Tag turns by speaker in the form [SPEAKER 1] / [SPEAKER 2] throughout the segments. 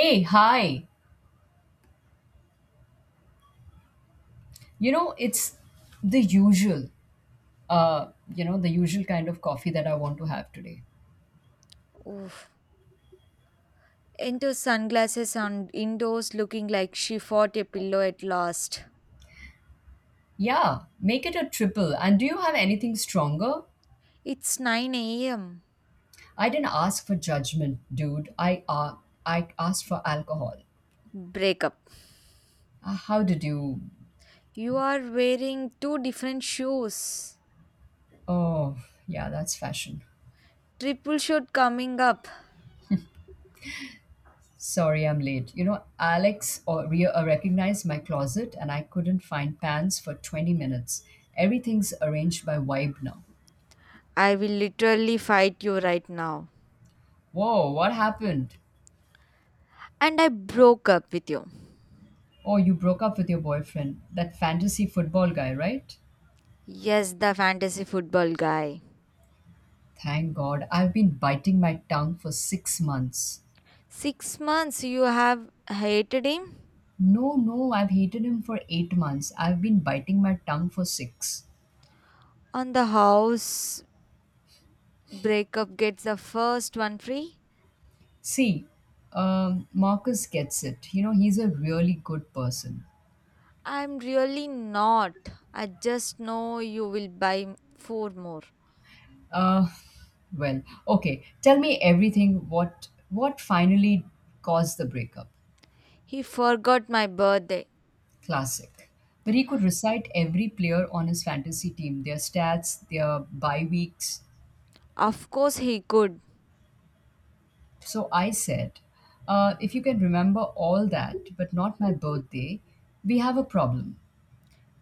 [SPEAKER 1] Hey, hi. It's the usual, uh, the usual kind of coffee that I want to have today.
[SPEAKER 2] Oof. Into sunglasses on indoors looking like she fought a pillow at last.
[SPEAKER 1] Yeah, make it a triple. And do you have anything stronger?
[SPEAKER 2] It's 9 a.m.
[SPEAKER 1] I didn't ask for judgment, dude. I asked for alcohol.
[SPEAKER 2] Breakup.
[SPEAKER 1] How did you?
[SPEAKER 2] You are wearing two different shoes.
[SPEAKER 1] Oh, yeah, that's fashion.
[SPEAKER 2] Triple shot coming up.
[SPEAKER 1] Sorry, I'm late. Alex recognized my closet, and I couldn't find pants for 20 minutes. Everything's arranged by vibe now.
[SPEAKER 2] I will literally fight you right now.
[SPEAKER 1] Whoa, what happened?
[SPEAKER 2] And I broke up with you.
[SPEAKER 1] Oh, you broke up with your boyfriend, that fantasy football guy, right?
[SPEAKER 2] Yes, the fantasy football guy.
[SPEAKER 1] Thank God. I've been biting my tongue for 6 months.
[SPEAKER 2] 6 months you have hated him?
[SPEAKER 1] No, no, I've hated him for 8 months. I've been biting my tongue for six.
[SPEAKER 2] On the house, breakup gets the first one free?
[SPEAKER 1] See, Marcus gets it. You know, he's a really good person.
[SPEAKER 2] I'm really not. I just know you will buy four more.
[SPEAKER 1] Uh, well, okay. Tell me everything. What finally caused the breakup?
[SPEAKER 2] He forgot my birthday.
[SPEAKER 1] Classic. But he could recite every player on his fantasy team, their stats, their bye weeks.
[SPEAKER 2] Of course he could.
[SPEAKER 1] So I said, if you can remember all that, but not my birthday, we have a problem.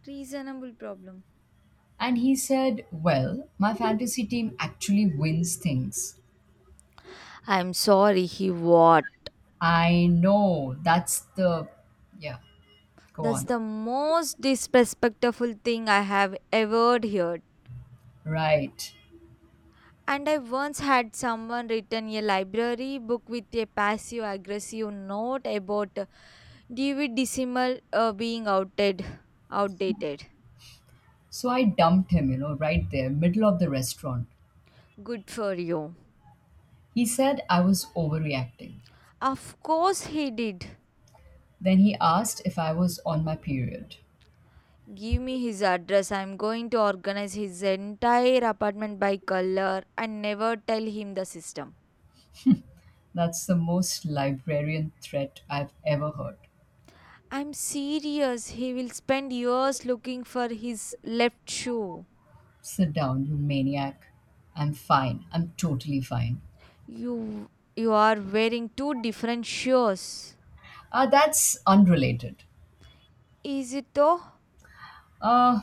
[SPEAKER 2] Reasonable problem.
[SPEAKER 1] And he said, well, my fantasy team actually wins things.
[SPEAKER 2] I'm sorry, he what?
[SPEAKER 1] I know, that's the. Yeah, go
[SPEAKER 2] That's
[SPEAKER 1] on.
[SPEAKER 2] the most disrespectful thing I have ever heard.
[SPEAKER 1] Right.
[SPEAKER 2] And I once had someone return a library book with a passive aggressive note about Dewey Decimal being outdated.
[SPEAKER 1] So I dumped him, you know, right there, middle of the restaurant.
[SPEAKER 2] Good for you.
[SPEAKER 1] He said I was overreacting.
[SPEAKER 2] Of course he did.
[SPEAKER 1] Then he asked if I was on my period.
[SPEAKER 2] Give me his address. I'm going to organize his entire apartment by color and never tell him the system.
[SPEAKER 1] That's the most librarian threat I've ever heard.
[SPEAKER 2] I'm serious. He will spend years looking for his left shoe.
[SPEAKER 1] Sit down, you maniac. I'm fine. I'm totally fine.
[SPEAKER 2] You you are wearing two different shoes.
[SPEAKER 1] That's unrelated.
[SPEAKER 2] Is it though?
[SPEAKER 1] Uh,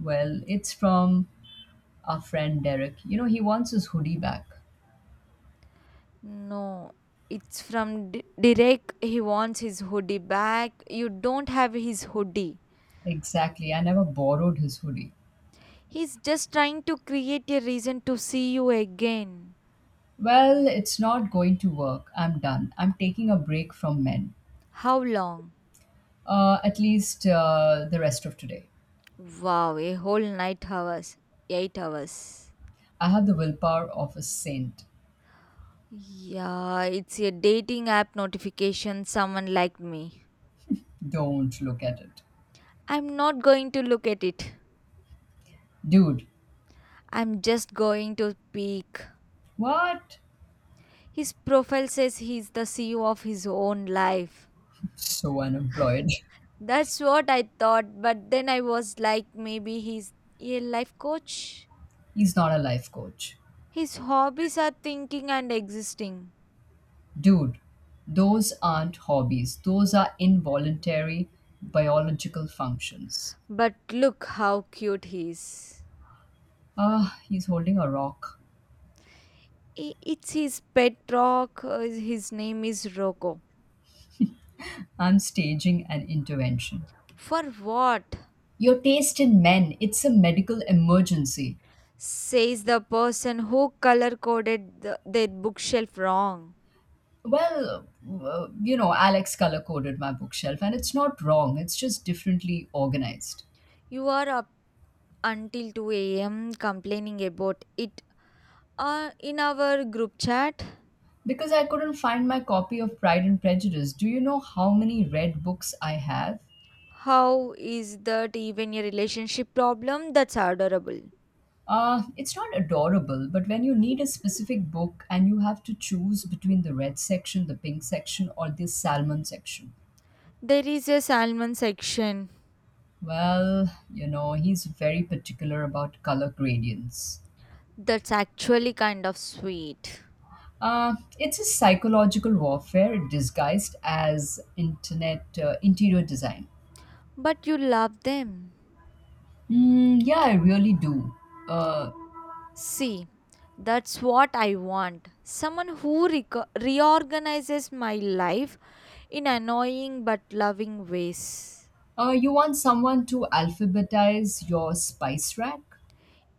[SPEAKER 1] it's from our friend Derek. You know, he wants his hoodie back.
[SPEAKER 2] No. It's from Derek. He wants his hoodie back. You don't have his hoodie.
[SPEAKER 1] Exactly. I never borrowed his hoodie.
[SPEAKER 2] He's just trying to create a reason to see you again.
[SPEAKER 1] Well, it's not going to work. I'm done. I'm taking a break from men.
[SPEAKER 2] How long?
[SPEAKER 1] At least the rest of today.
[SPEAKER 2] Wow, a whole night hours, 8 hours.
[SPEAKER 1] I have the willpower of a saint.
[SPEAKER 2] Yeah, it's a dating app notification. Someone liked me.
[SPEAKER 1] Don't look at it.
[SPEAKER 2] I'm not going to look at it.
[SPEAKER 1] Dude,
[SPEAKER 2] I'm just going to peek.
[SPEAKER 1] what?
[SPEAKER 2] His profile says he's the CEO of his own life.
[SPEAKER 1] So unemployed.
[SPEAKER 2] That's what I thought, but then I was like, maybe he's a life coach.
[SPEAKER 1] He's not a life coach.
[SPEAKER 2] His hobbies are thinking and existing.
[SPEAKER 1] Dude, those aren't hobbies, those are involuntary biological functions.
[SPEAKER 2] But look how cute he is.
[SPEAKER 1] Ah, he's holding a rock.
[SPEAKER 2] It's his pet rock. His name is Rocco.
[SPEAKER 1] I'm staging an intervention.
[SPEAKER 2] For what?
[SPEAKER 1] Your taste in men, it's a medical emergency.
[SPEAKER 2] Says the person who color coded their bookshelf wrong.
[SPEAKER 1] Well, you know, Alex color coded my bookshelf, and it's not wrong, it's just differently organized.
[SPEAKER 2] You are up until 2 a.m. complaining about it in our group chat.
[SPEAKER 1] Because I couldn't find my copy of Pride and Prejudice, do you know how many red books I have?
[SPEAKER 2] How is that even a relationship problem? That's adorable.
[SPEAKER 1] It's not adorable, but when you need a specific book and you have to choose between the red section, the pink section, or the salmon section,
[SPEAKER 2] There is a salmon section
[SPEAKER 1] well, you know, he's very particular about color gradients.
[SPEAKER 2] that's actually kind of sweet,
[SPEAKER 1] It's a psychological warfare disguised as internet interior design.
[SPEAKER 2] but you love them.
[SPEAKER 1] Mm, yeah, I really do. Uh,
[SPEAKER 2] See, that's what I want. Someone who reorganizes my life in annoying but loving ways.
[SPEAKER 1] you want someone to alphabetize your spice rack?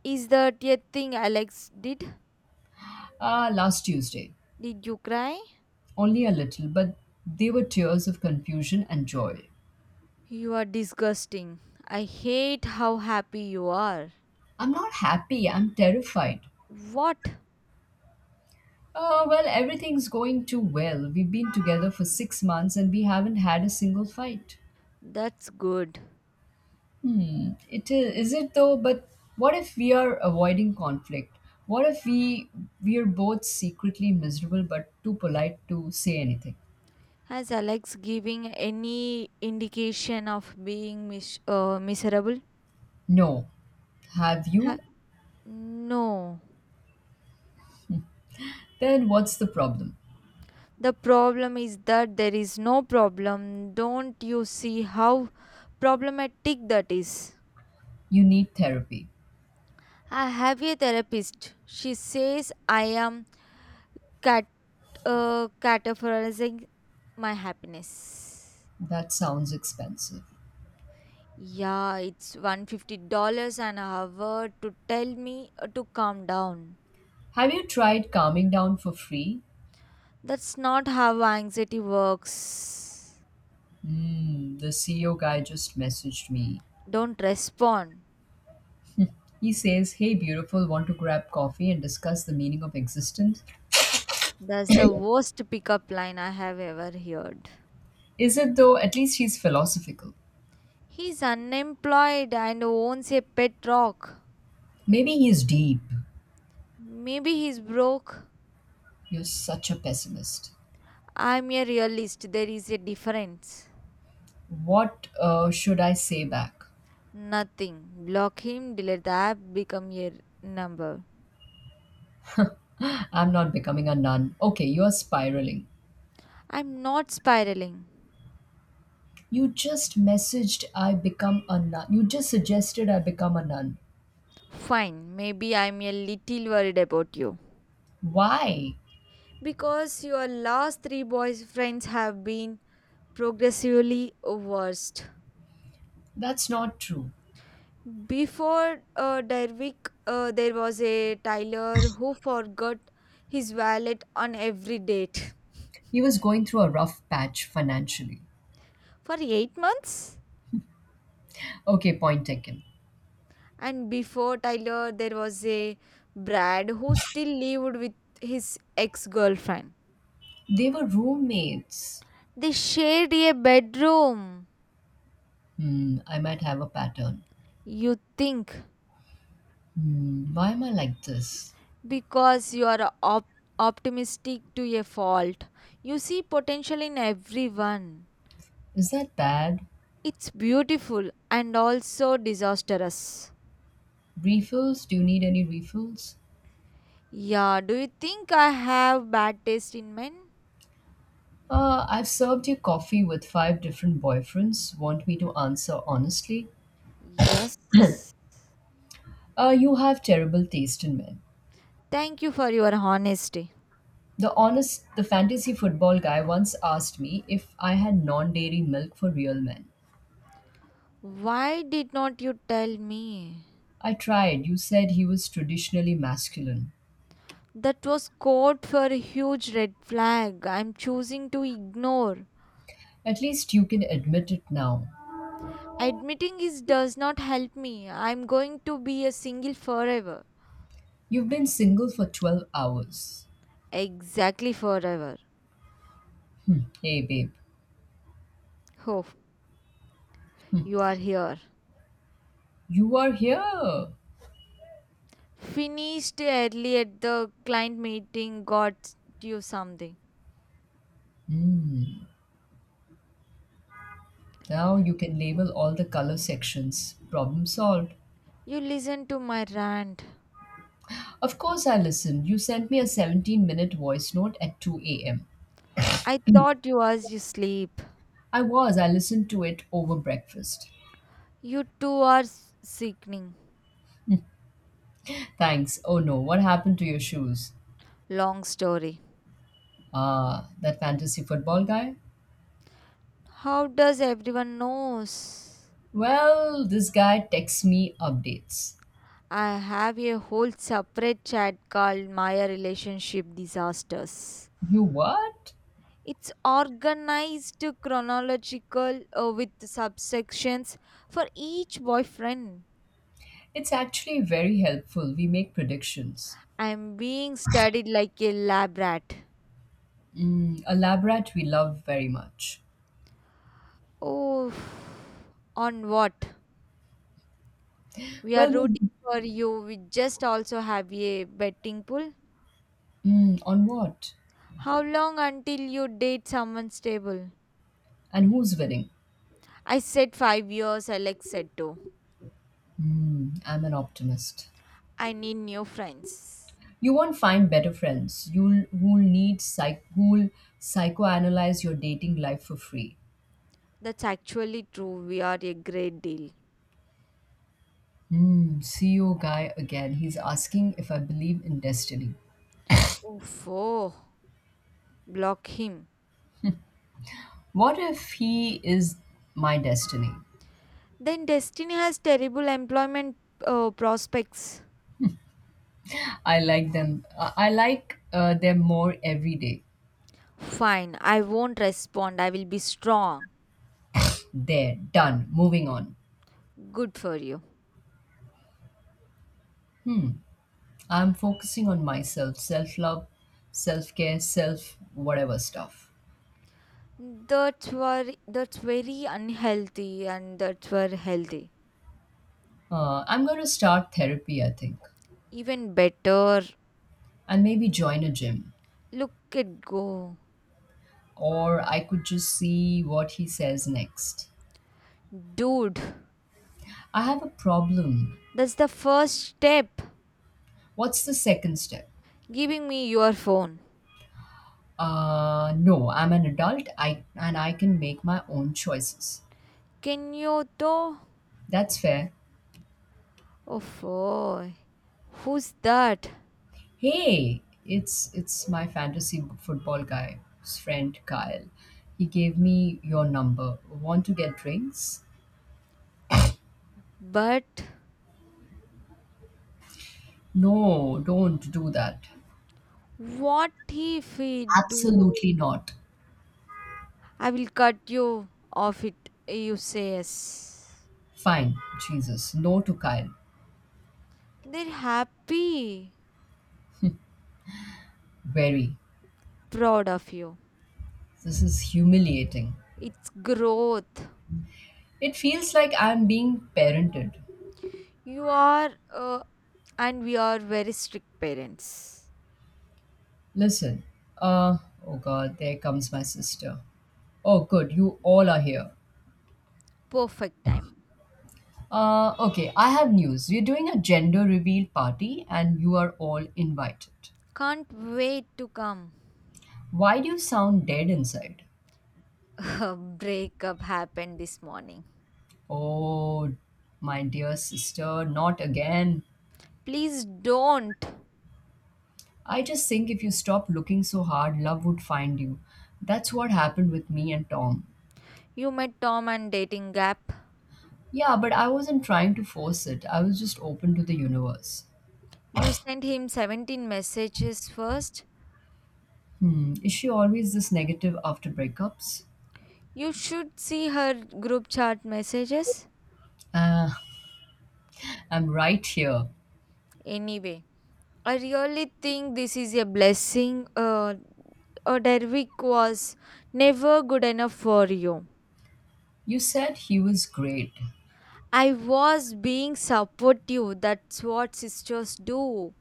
[SPEAKER 2] Is that a thing Alex did?
[SPEAKER 1] Last Tuesday.
[SPEAKER 2] Did you cry?
[SPEAKER 1] Only a little, but they were tears of confusion and joy.
[SPEAKER 2] You are disgusting. I hate how happy you are.
[SPEAKER 1] I'm not happy, I'm terrified.
[SPEAKER 2] What?
[SPEAKER 1] Oh, well, everything's going too well. We've been together for 6 months and we haven't had a single fight.
[SPEAKER 2] That's good.
[SPEAKER 1] It is it though, but what if we are avoiding conflict? What if we are both secretly miserable but too polite to say anything?
[SPEAKER 2] Has Alex giving any indication of being miserable?
[SPEAKER 1] No. Have
[SPEAKER 2] Ha-
[SPEAKER 1] you?
[SPEAKER 2] no.
[SPEAKER 1] Then what's the problem?
[SPEAKER 2] The problem is that there is no problem. Don't you see how problematic that is?
[SPEAKER 1] You need therapy.
[SPEAKER 2] I have a therapist. She says I am cat categorizing my happiness.
[SPEAKER 1] That sounds expensive.
[SPEAKER 2] Yeah, it's $150 an hour to tell me to calm down.
[SPEAKER 1] Have you tried calming down for free?
[SPEAKER 2] That's not how anxiety works.
[SPEAKER 1] Mm, the CEO guy just messaged me.
[SPEAKER 2] Don't respond.
[SPEAKER 1] He says, hey, beautiful, want to grab coffee and discuss the meaning of existence?
[SPEAKER 2] That's the worst pickup line I have ever heard.
[SPEAKER 1] Is it though? At least he's philosophical.
[SPEAKER 2] He's unemployed and owns a pet rock.
[SPEAKER 1] Maybe he's deep.
[SPEAKER 2] Maybe he's broke.
[SPEAKER 1] You're such a pessimist.
[SPEAKER 2] I'm a realist. There is a difference.
[SPEAKER 1] What should I say back?
[SPEAKER 2] Nothing. Block him, delete the app, become your number.
[SPEAKER 1] I'm not becoming a nun. Okay, you're spiraling.
[SPEAKER 2] I'm not spiraling.
[SPEAKER 1] You just messaged I become a nun. You just suggested I become a nun.
[SPEAKER 2] Fine. Maybe I'm a little worried about you.
[SPEAKER 1] Why?
[SPEAKER 2] Because your last three boyfriends have been progressively worse.
[SPEAKER 1] That's not true.
[SPEAKER 2] Before Derwick, there was a Tyler who forgot his wallet on every date
[SPEAKER 1] He was going through a rough patch financially.
[SPEAKER 2] for 8 months.
[SPEAKER 1] Okay, point taken.
[SPEAKER 2] And before Tyler, there was a Brad who still lived with his ex girlfriend.
[SPEAKER 1] They were roommates.
[SPEAKER 2] They shared a bedroom.
[SPEAKER 1] Hmm, I might have a pattern.
[SPEAKER 2] You think
[SPEAKER 1] Hmm, why am I like this?
[SPEAKER 2] because you are optimistic to a fault, you see potential in everyone.
[SPEAKER 1] Is that bad?
[SPEAKER 2] It's beautiful and also disastrous.
[SPEAKER 1] Refills? Do you need any refills?
[SPEAKER 2] Yeah, do you think I have bad taste in men?
[SPEAKER 1] I've served you coffee with five different boyfriends. Want me to answer honestly?
[SPEAKER 2] Yes.
[SPEAKER 1] You have terrible taste in men.
[SPEAKER 2] Thank you for your honesty.
[SPEAKER 1] The honest, the fantasy football guy once asked me if I had non dairy milk for real men.
[SPEAKER 2] Why did not you tell me?
[SPEAKER 1] I tried. You said he was traditionally masculine.
[SPEAKER 2] That was code for a huge red flag I'm choosing to ignore.
[SPEAKER 1] At least you can admit it now.
[SPEAKER 2] Admitting it does not help me. I'm going to be a single forever.
[SPEAKER 1] You've been single for 12 hours.
[SPEAKER 2] Exactly forever.
[SPEAKER 1] Hmm, hey, babe,
[SPEAKER 2] Oh, you are here.
[SPEAKER 1] you are here.
[SPEAKER 2] Finished early at the client meeting, got you something.
[SPEAKER 1] Now you can label all the color sections. Problem solved.
[SPEAKER 2] You listened to my rant.
[SPEAKER 1] Of course, I listened. You sent me a 17-minute voice note at 2 a.m.
[SPEAKER 2] I thought you was you sleep.
[SPEAKER 1] I was, I listened to it over breakfast.
[SPEAKER 2] You two are sickening.
[SPEAKER 1] Thanks. Oh no, what happened to your shoes?
[SPEAKER 2] Long story.
[SPEAKER 1] Ah, that fantasy football guy?
[SPEAKER 2] How does everyone knows?
[SPEAKER 1] Well, this guy texts me updates.
[SPEAKER 2] I have a whole separate chat called Maya Relationship Disasters.
[SPEAKER 1] You what?
[SPEAKER 2] It's organized chronological with subsections for each boyfriend.
[SPEAKER 1] It's actually very helpful. We make predictions.
[SPEAKER 2] I'm being studied like a lab rat.
[SPEAKER 1] Mm, a lab rat we love very much.
[SPEAKER 2] Oh, on what? We are
[SPEAKER 1] Well,
[SPEAKER 2] rooting
[SPEAKER 1] we-
[SPEAKER 2] for you. We just also have a betting pool.
[SPEAKER 1] on what?
[SPEAKER 2] How long until you date someone stable?
[SPEAKER 1] And who's winning?
[SPEAKER 2] I said 5 years, Alex said two.
[SPEAKER 1] Mm, I'm an optimist.
[SPEAKER 2] I need new friends.
[SPEAKER 1] You won't find better friends. You'll who'll need psych who'll psychoanalyze your dating life for free.
[SPEAKER 2] That's actually true. We are a great deal.
[SPEAKER 1] Hmm, CEO guy again. He's asking if I believe in destiny.
[SPEAKER 2] Oof, oh, block him.
[SPEAKER 1] What if he is my destiny?
[SPEAKER 2] Then Destiny has terrible employment prospects.
[SPEAKER 1] I like them. I like them more every day.
[SPEAKER 2] Fine, I won't respond. I will be strong.
[SPEAKER 1] There, done, moving on.
[SPEAKER 2] Good for you.
[SPEAKER 1] I'm focusing on myself, self love, self care, self whatever stuff.
[SPEAKER 2] That's very unhealthy and that's very healthy.
[SPEAKER 1] I'm going to start therapy, I think,
[SPEAKER 2] Even better.
[SPEAKER 1] and maybe join a gym.
[SPEAKER 2] Look at go.
[SPEAKER 1] Or I could just see what he says next.
[SPEAKER 2] Dude,
[SPEAKER 1] I have a problem.
[SPEAKER 2] that's the first step.
[SPEAKER 1] What's the second step?
[SPEAKER 2] Giving me your phone.
[SPEAKER 1] No, I'm an adult, and I can make my own choices.
[SPEAKER 2] Can you though?
[SPEAKER 1] That's fair.
[SPEAKER 2] Oh, boy. Who's that?
[SPEAKER 1] Hey, it's my fantasy football guy's friend Kyle. He gave me your number. Want to get drinks?
[SPEAKER 2] But
[SPEAKER 1] No, don't do that.
[SPEAKER 2] what if he do?
[SPEAKER 1] Absolutely not.
[SPEAKER 2] I will cut you off it. You say yes.
[SPEAKER 1] Fine, Jesus. No to Kyle.
[SPEAKER 2] They're happy,
[SPEAKER 1] Very.
[SPEAKER 2] proud of you.
[SPEAKER 1] This is humiliating.
[SPEAKER 2] It's growth.
[SPEAKER 1] It feels like I'm being parented.
[SPEAKER 2] You are, and we are very strict parents.
[SPEAKER 1] Listen. Uh oh god, there comes my sister. Oh good, you all are here.
[SPEAKER 2] Perfect time.
[SPEAKER 1] Okay, I have news. We're doing a gender reveal party and you are all invited.
[SPEAKER 2] Can't wait to come.
[SPEAKER 1] Why do you sound dead inside?
[SPEAKER 2] A breakup happened this morning.
[SPEAKER 1] Oh, my dear sister, not again.
[SPEAKER 2] Please don't.
[SPEAKER 1] I just think if you stopped looking so hard, love would find you. That's what happened with me and Tom.
[SPEAKER 2] You met Tom and dating app.
[SPEAKER 1] Yeah, but I wasn't trying to force it, I was just open to the universe.
[SPEAKER 2] You sent him 17 messages first.
[SPEAKER 1] Hmm, is she always this negative after breakups?
[SPEAKER 2] You should see her group chat messages.
[SPEAKER 1] Ah, I'm right here.
[SPEAKER 2] Anyway, I really think this is a blessing. Derwick was never good enough for you.
[SPEAKER 1] You said he was great.
[SPEAKER 2] I was being supportive. That's what sisters do.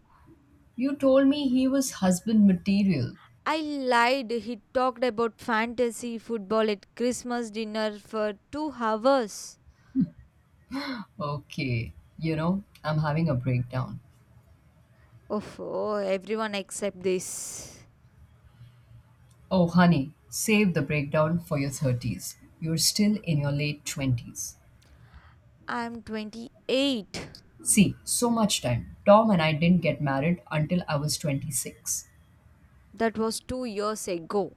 [SPEAKER 1] You told me he was husband material.
[SPEAKER 2] I lied. He talked about fantasy football at Christmas dinner for 2 hours.
[SPEAKER 1] Okay, you know, I'm having a breakdown.
[SPEAKER 2] Oh, everyone except this.
[SPEAKER 1] Oh, honey, save the breakdown for your 30s. You're still in your late 20s.
[SPEAKER 2] I'm 28.
[SPEAKER 1] See, so much time. Tom and I didn't get married until I was 26.
[SPEAKER 2] That was 2 years ago.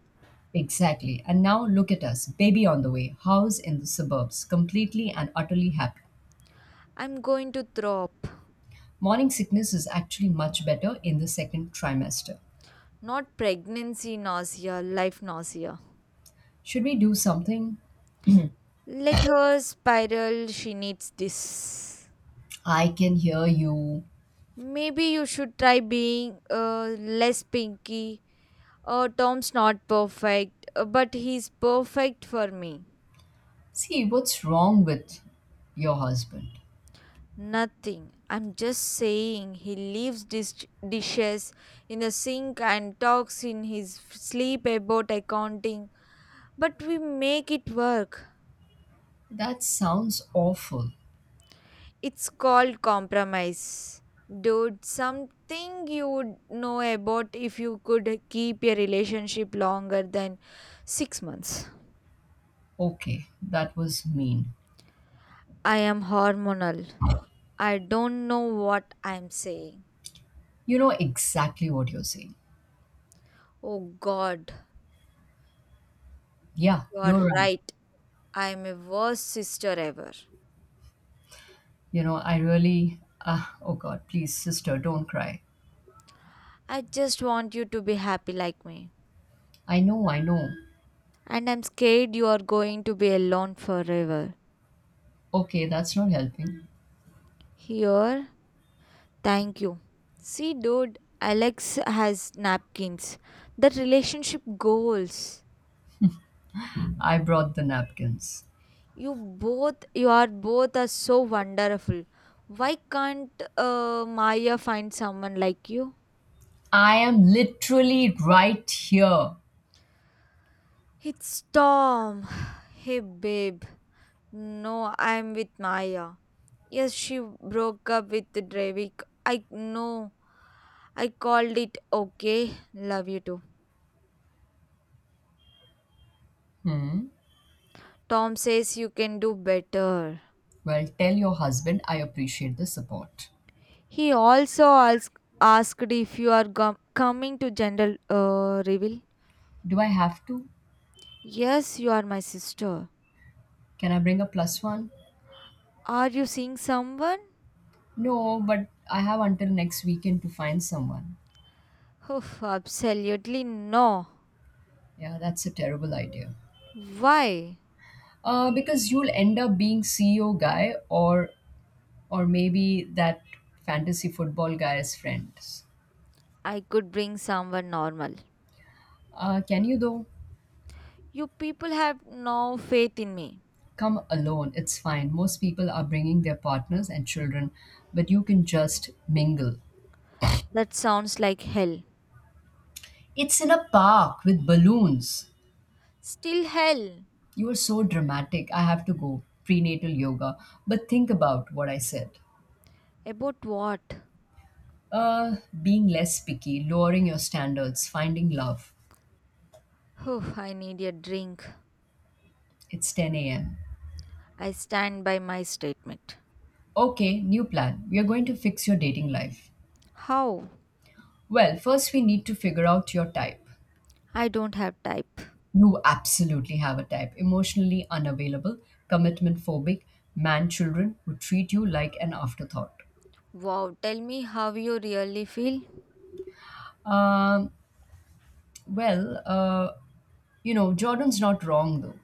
[SPEAKER 1] Exactly. And now look at us, baby on the way, house in the suburbs, completely and utterly happy.
[SPEAKER 2] I'm going to throw up.
[SPEAKER 1] Morning sickness is actually much better in the second trimester.
[SPEAKER 2] Not pregnancy nausea, life nausea.
[SPEAKER 1] Should we do something?
[SPEAKER 2] Let her spiral. She needs this.
[SPEAKER 1] I can hear you.
[SPEAKER 2] Maybe you should try being less pinky. Tom's not perfect, but he's perfect for me.
[SPEAKER 1] See, what's wrong with your husband?
[SPEAKER 2] Nothing. I'm just saying he leaves dishes in the sink and talks in his sleep about accounting, but we make it work.
[SPEAKER 1] That sounds awful.
[SPEAKER 2] It's called compromise. Dude, something you would know about if you could keep a relationship longer than 6 months.
[SPEAKER 1] Okay, that was mean.
[SPEAKER 2] I am hormonal. I don't know what I'm saying.
[SPEAKER 1] You know exactly what you're saying.
[SPEAKER 2] Oh God,
[SPEAKER 1] Yeah,
[SPEAKER 2] you are
[SPEAKER 1] you're right.
[SPEAKER 2] right. I am a worst sister ever.
[SPEAKER 1] You know, I really. Ah, oh God, please, sister, don't cry.
[SPEAKER 2] I just want you to be happy like me.
[SPEAKER 1] I know, I know.
[SPEAKER 2] And I'm scared you are going to be alone forever.
[SPEAKER 1] Okay, that's not helping.
[SPEAKER 2] Here, thank you. See, dude, Alex has napkins. The relationship goals.
[SPEAKER 1] I brought the napkins.
[SPEAKER 2] You are both are so wonderful. Why can't Maya find someone like you?
[SPEAKER 1] I am literally right here.
[SPEAKER 2] It's Tom. Hey, babe. No, I'm with Maya. Yes, she broke up with Drevik. I know. I called it okay, love you too.
[SPEAKER 1] Hmm.
[SPEAKER 2] Tom says you can do better.
[SPEAKER 1] Well, tell your husband I appreciate the support.
[SPEAKER 2] He also asked if you are coming to general reveal.
[SPEAKER 1] Do I have to?
[SPEAKER 2] Yes, you are my sister.
[SPEAKER 1] Can I bring a plus one?
[SPEAKER 2] Are you seeing someone?
[SPEAKER 1] No, but I have until next weekend to find someone.
[SPEAKER 2] Oof, absolutely no.
[SPEAKER 1] Yeah, that's a terrible idea.
[SPEAKER 2] Why?
[SPEAKER 1] Because you'll end up being CEO guy or maybe that fantasy football guy's friends.
[SPEAKER 2] I could bring someone normal.
[SPEAKER 1] Can you though?
[SPEAKER 2] You people have no faith in me.
[SPEAKER 1] Come alone, it's fine. Most people are bringing their partners and children, but you can just mingle.
[SPEAKER 2] That sounds like hell.
[SPEAKER 1] It's in a park with balloons.
[SPEAKER 2] Still hell.
[SPEAKER 1] You are so dramatic. I have to go. Prenatal yoga. But think about what I said.
[SPEAKER 2] About what?
[SPEAKER 1] Uh, Being less picky, lowering your standards, finding love.
[SPEAKER 2] Oof, I need a drink.
[SPEAKER 1] It's 10 a.m.
[SPEAKER 2] I stand by my statement.
[SPEAKER 1] Okay, new plan. We are going to fix your dating life.
[SPEAKER 2] How?
[SPEAKER 1] Well, first we need to figure out your type.
[SPEAKER 2] I don't have type.
[SPEAKER 1] You absolutely have a type: emotionally unavailable, commitment phobic, man children who treat you like an afterthought.
[SPEAKER 2] Wow, tell me how you really feel.
[SPEAKER 1] Um, well, uh, you know, Jordan's not wrong though.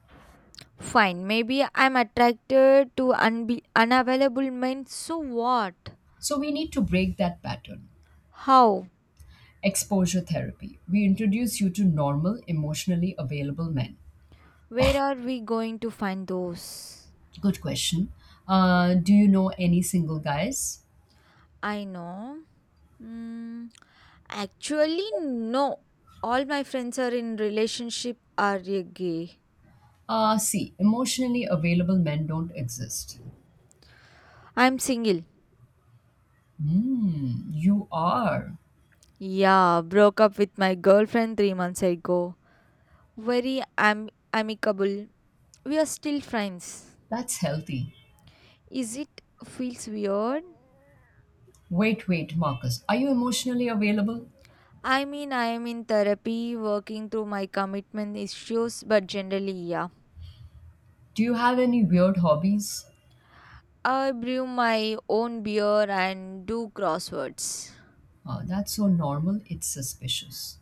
[SPEAKER 2] Fine, maybe I'm attracted to unavailable men. So what?
[SPEAKER 1] So we need to break that pattern.
[SPEAKER 2] How?
[SPEAKER 1] Exposure therapy. We introduce you to normal, emotionally available men.
[SPEAKER 2] Where are we going to find those?
[SPEAKER 1] Good question. Do you know any single guys?
[SPEAKER 2] I know. Mm, actually, no. All my friends are in relationship are gay.
[SPEAKER 1] See, emotionally available men don't exist.
[SPEAKER 2] I'm single.
[SPEAKER 1] Hmm, you are.
[SPEAKER 2] Yeah, broke up with my girlfriend 3 months ago. Very amicable we are still friends.
[SPEAKER 1] That's healthy.
[SPEAKER 2] Is it feels weird?
[SPEAKER 1] Wait, wait, Marcus. Are you emotionally available?
[SPEAKER 2] I mean, I am in therapy, working through my commitment issues, but generally, yeah.
[SPEAKER 1] Do you have any weird hobbies?
[SPEAKER 2] I brew my own beer and do crosswords.
[SPEAKER 1] That's so normal, it's suspicious.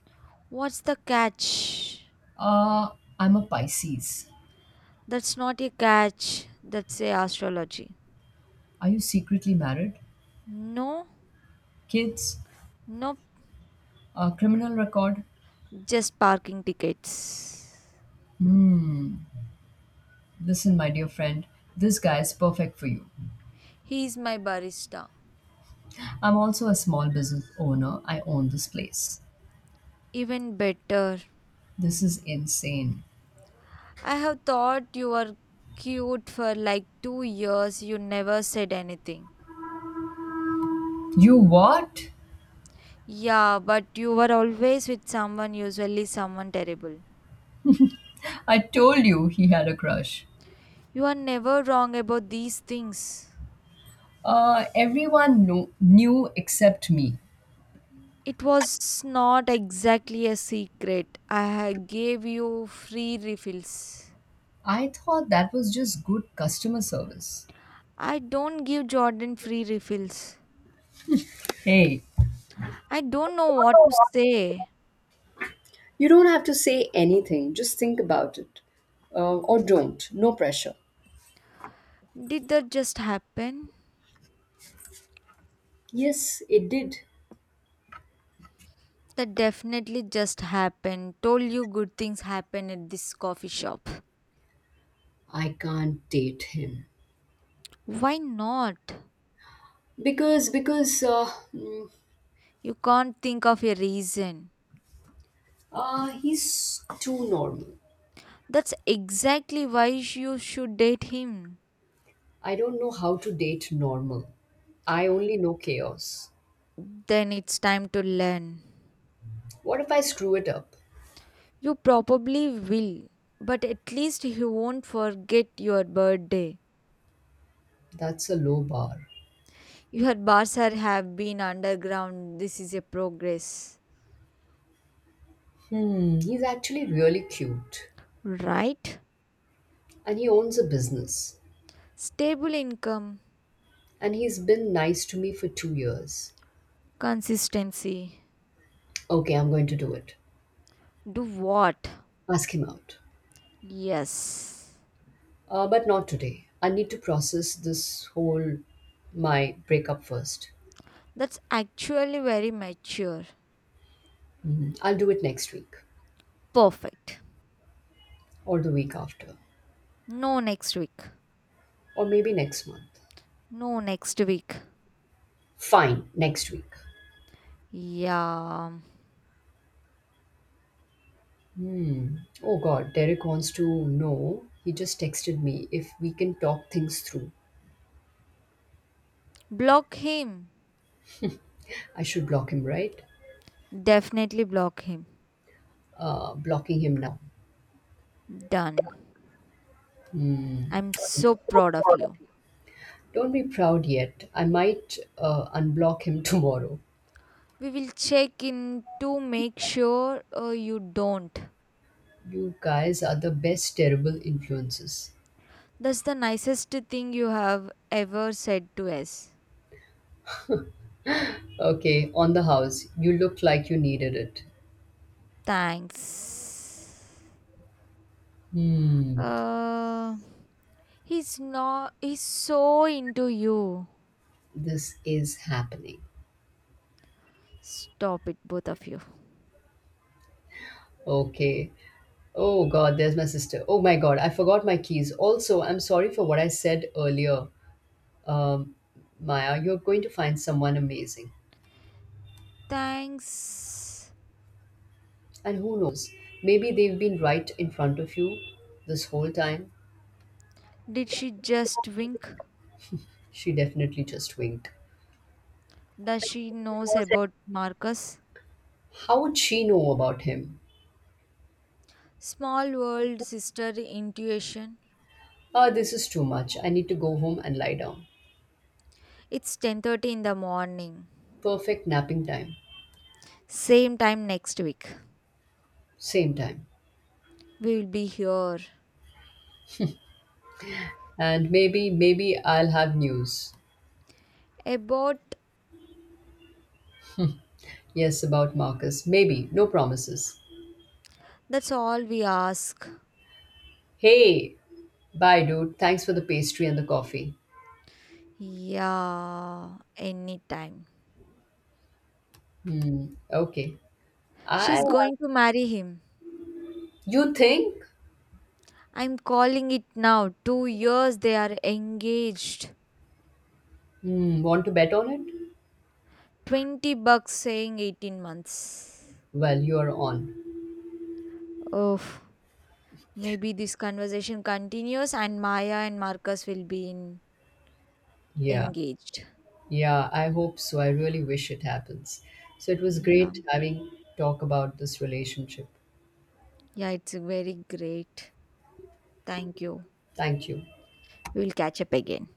[SPEAKER 2] What's the catch?
[SPEAKER 1] Uh, I'm a Pisces.
[SPEAKER 2] That's not a catch, that's a astrology.
[SPEAKER 1] Are you secretly married?
[SPEAKER 2] No,
[SPEAKER 1] Kids?
[SPEAKER 2] nope,
[SPEAKER 1] A criminal record?
[SPEAKER 2] just parking tickets.
[SPEAKER 1] Hmm, listen, my dear friend, this guy is perfect for you.
[SPEAKER 2] He's my barista.
[SPEAKER 1] I'm also a small business owner. I own this place.
[SPEAKER 2] Even better.
[SPEAKER 1] This is insane.
[SPEAKER 2] I have thought you were cute for like 2 years. You never said anything.
[SPEAKER 1] You what?
[SPEAKER 2] Yeah, but you were always with someone, usually someone terrible.
[SPEAKER 1] I told you he had a crush.
[SPEAKER 2] You are never wrong about these things.
[SPEAKER 1] Everyone knew except me.
[SPEAKER 2] It was not exactly a secret. I gave you free refills.
[SPEAKER 1] I thought that was just good customer service.
[SPEAKER 2] I don't give Jordan free refills.
[SPEAKER 1] Hey,
[SPEAKER 2] I don't know what to say.
[SPEAKER 1] you don't have to say anything. Just think about it. Or don't. No pressure.
[SPEAKER 2] Did that just happen?
[SPEAKER 1] Yes, it did.
[SPEAKER 2] That definitely just happened. Told you good things happen at this coffee shop.
[SPEAKER 1] I can't date him
[SPEAKER 2] Why not?
[SPEAKER 1] because mm,
[SPEAKER 2] You can't think of a reason.
[SPEAKER 1] he's too normal.
[SPEAKER 2] That's exactly why you should date him.
[SPEAKER 1] I don't know how to date normal. I only know chaos.
[SPEAKER 2] Then it's time to learn.
[SPEAKER 1] What if I screw it up?
[SPEAKER 2] You probably will, but at least he won't forget your birthday.
[SPEAKER 1] That's a low bar.
[SPEAKER 2] Your bars have been underground. This is a progress,
[SPEAKER 1] Hmm, he's actually really cute.
[SPEAKER 2] right?
[SPEAKER 1] And he owns a business.
[SPEAKER 2] Stable income,
[SPEAKER 1] And he's been nice to me for 2 years.
[SPEAKER 2] consistency.
[SPEAKER 1] Okay, I'm going to do it.
[SPEAKER 2] Do what?
[SPEAKER 1] Ask him out.
[SPEAKER 2] Yes.
[SPEAKER 1] But not today. I need to process this whole my breakup first.
[SPEAKER 2] That's actually very mature.
[SPEAKER 1] Mhm. I'll do it next week
[SPEAKER 2] Perfect.
[SPEAKER 1] or the week after
[SPEAKER 2] No next week.
[SPEAKER 1] or maybe next month.
[SPEAKER 2] No, next week.
[SPEAKER 1] Fine, next week.
[SPEAKER 2] Yeah.
[SPEAKER 1] Oh God, Derek wants to know. He just texted me if we can talk things through.
[SPEAKER 2] Block him.
[SPEAKER 1] I should block him, right?
[SPEAKER 2] Definitely block him.
[SPEAKER 1] Blocking him now.
[SPEAKER 2] Done. I'm so proud of you.
[SPEAKER 1] Don't be proud yet. I might unblock him tomorrow.
[SPEAKER 2] We will check in to make sure you don't.
[SPEAKER 1] You guys are the best terrible influences.
[SPEAKER 2] That's the nicest thing you have ever said to us.
[SPEAKER 1] Okay, on the house. You looked like you needed it.
[SPEAKER 2] Thanks.
[SPEAKER 1] Hmm,
[SPEAKER 2] Uh, he's not. He's so into you.
[SPEAKER 1] this is happening.
[SPEAKER 2] Stop it, both of you.
[SPEAKER 1] Okay. Oh God, there's my sister. Oh my God, I forgot my keys. Also, I'm sorry for what I said earlier. Um, Maya, you're going to find someone amazing.
[SPEAKER 2] Thanks.
[SPEAKER 1] And who knows, maybe they've been right in front of you this whole time.
[SPEAKER 2] Did she just wink?
[SPEAKER 1] She definitely just winked.
[SPEAKER 2] Does she knows about Marcus?
[SPEAKER 1] How would she know about him?
[SPEAKER 2] Small world sister intuition.
[SPEAKER 1] Ah, this is too much. I need to go home and lie down.
[SPEAKER 2] It's 10:30 in the morning.
[SPEAKER 1] Perfect napping time.
[SPEAKER 2] Same time next week.
[SPEAKER 1] Same time.
[SPEAKER 2] We will be here.
[SPEAKER 1] And maybe, maybe I'll have news.
[SPEAKER 2] About?
[SPEAKER 1] Yes, about Marcus. Maybe. No promises.
[SPEAKER 2] That's all we ask.
[SPEAKER 1] Hey, bye, dude. Thanks for the pastry and the coffee.
[SPEAKER 2] Yeah, anytime.
[SPEAKER 1] Hmm, okay. I.
[SPEAKER 2] She's going to marry him.
[SPEAKER 1] You think?
[SPEAKER 2] I'm calling it now. 2 years they are engaged.
[SPEAKER 1] Hmm, want to bet on it?
[SPEAKER 2] 20 bucks saying 18 months.
[SPEAKER 1] Well, you're on.
[SPEAKER 2] Oh, maybe this conversation continues and Maya and Marcus will be
[SPEAKER 1] Yeah,
[SPEAKER 2] engaged.
[SPEAKER 1] yeah, I hope so. I really wish it happens. So it was
[SPEAKER 2] Yeah.
[SPEAKER 1] great having talk about this relationship.
[SPEAKER 2] Yeah, it's very great. Thank you.
[SPEAKER 1] Thank you.
[SPEAKER 2] We'll catch up again.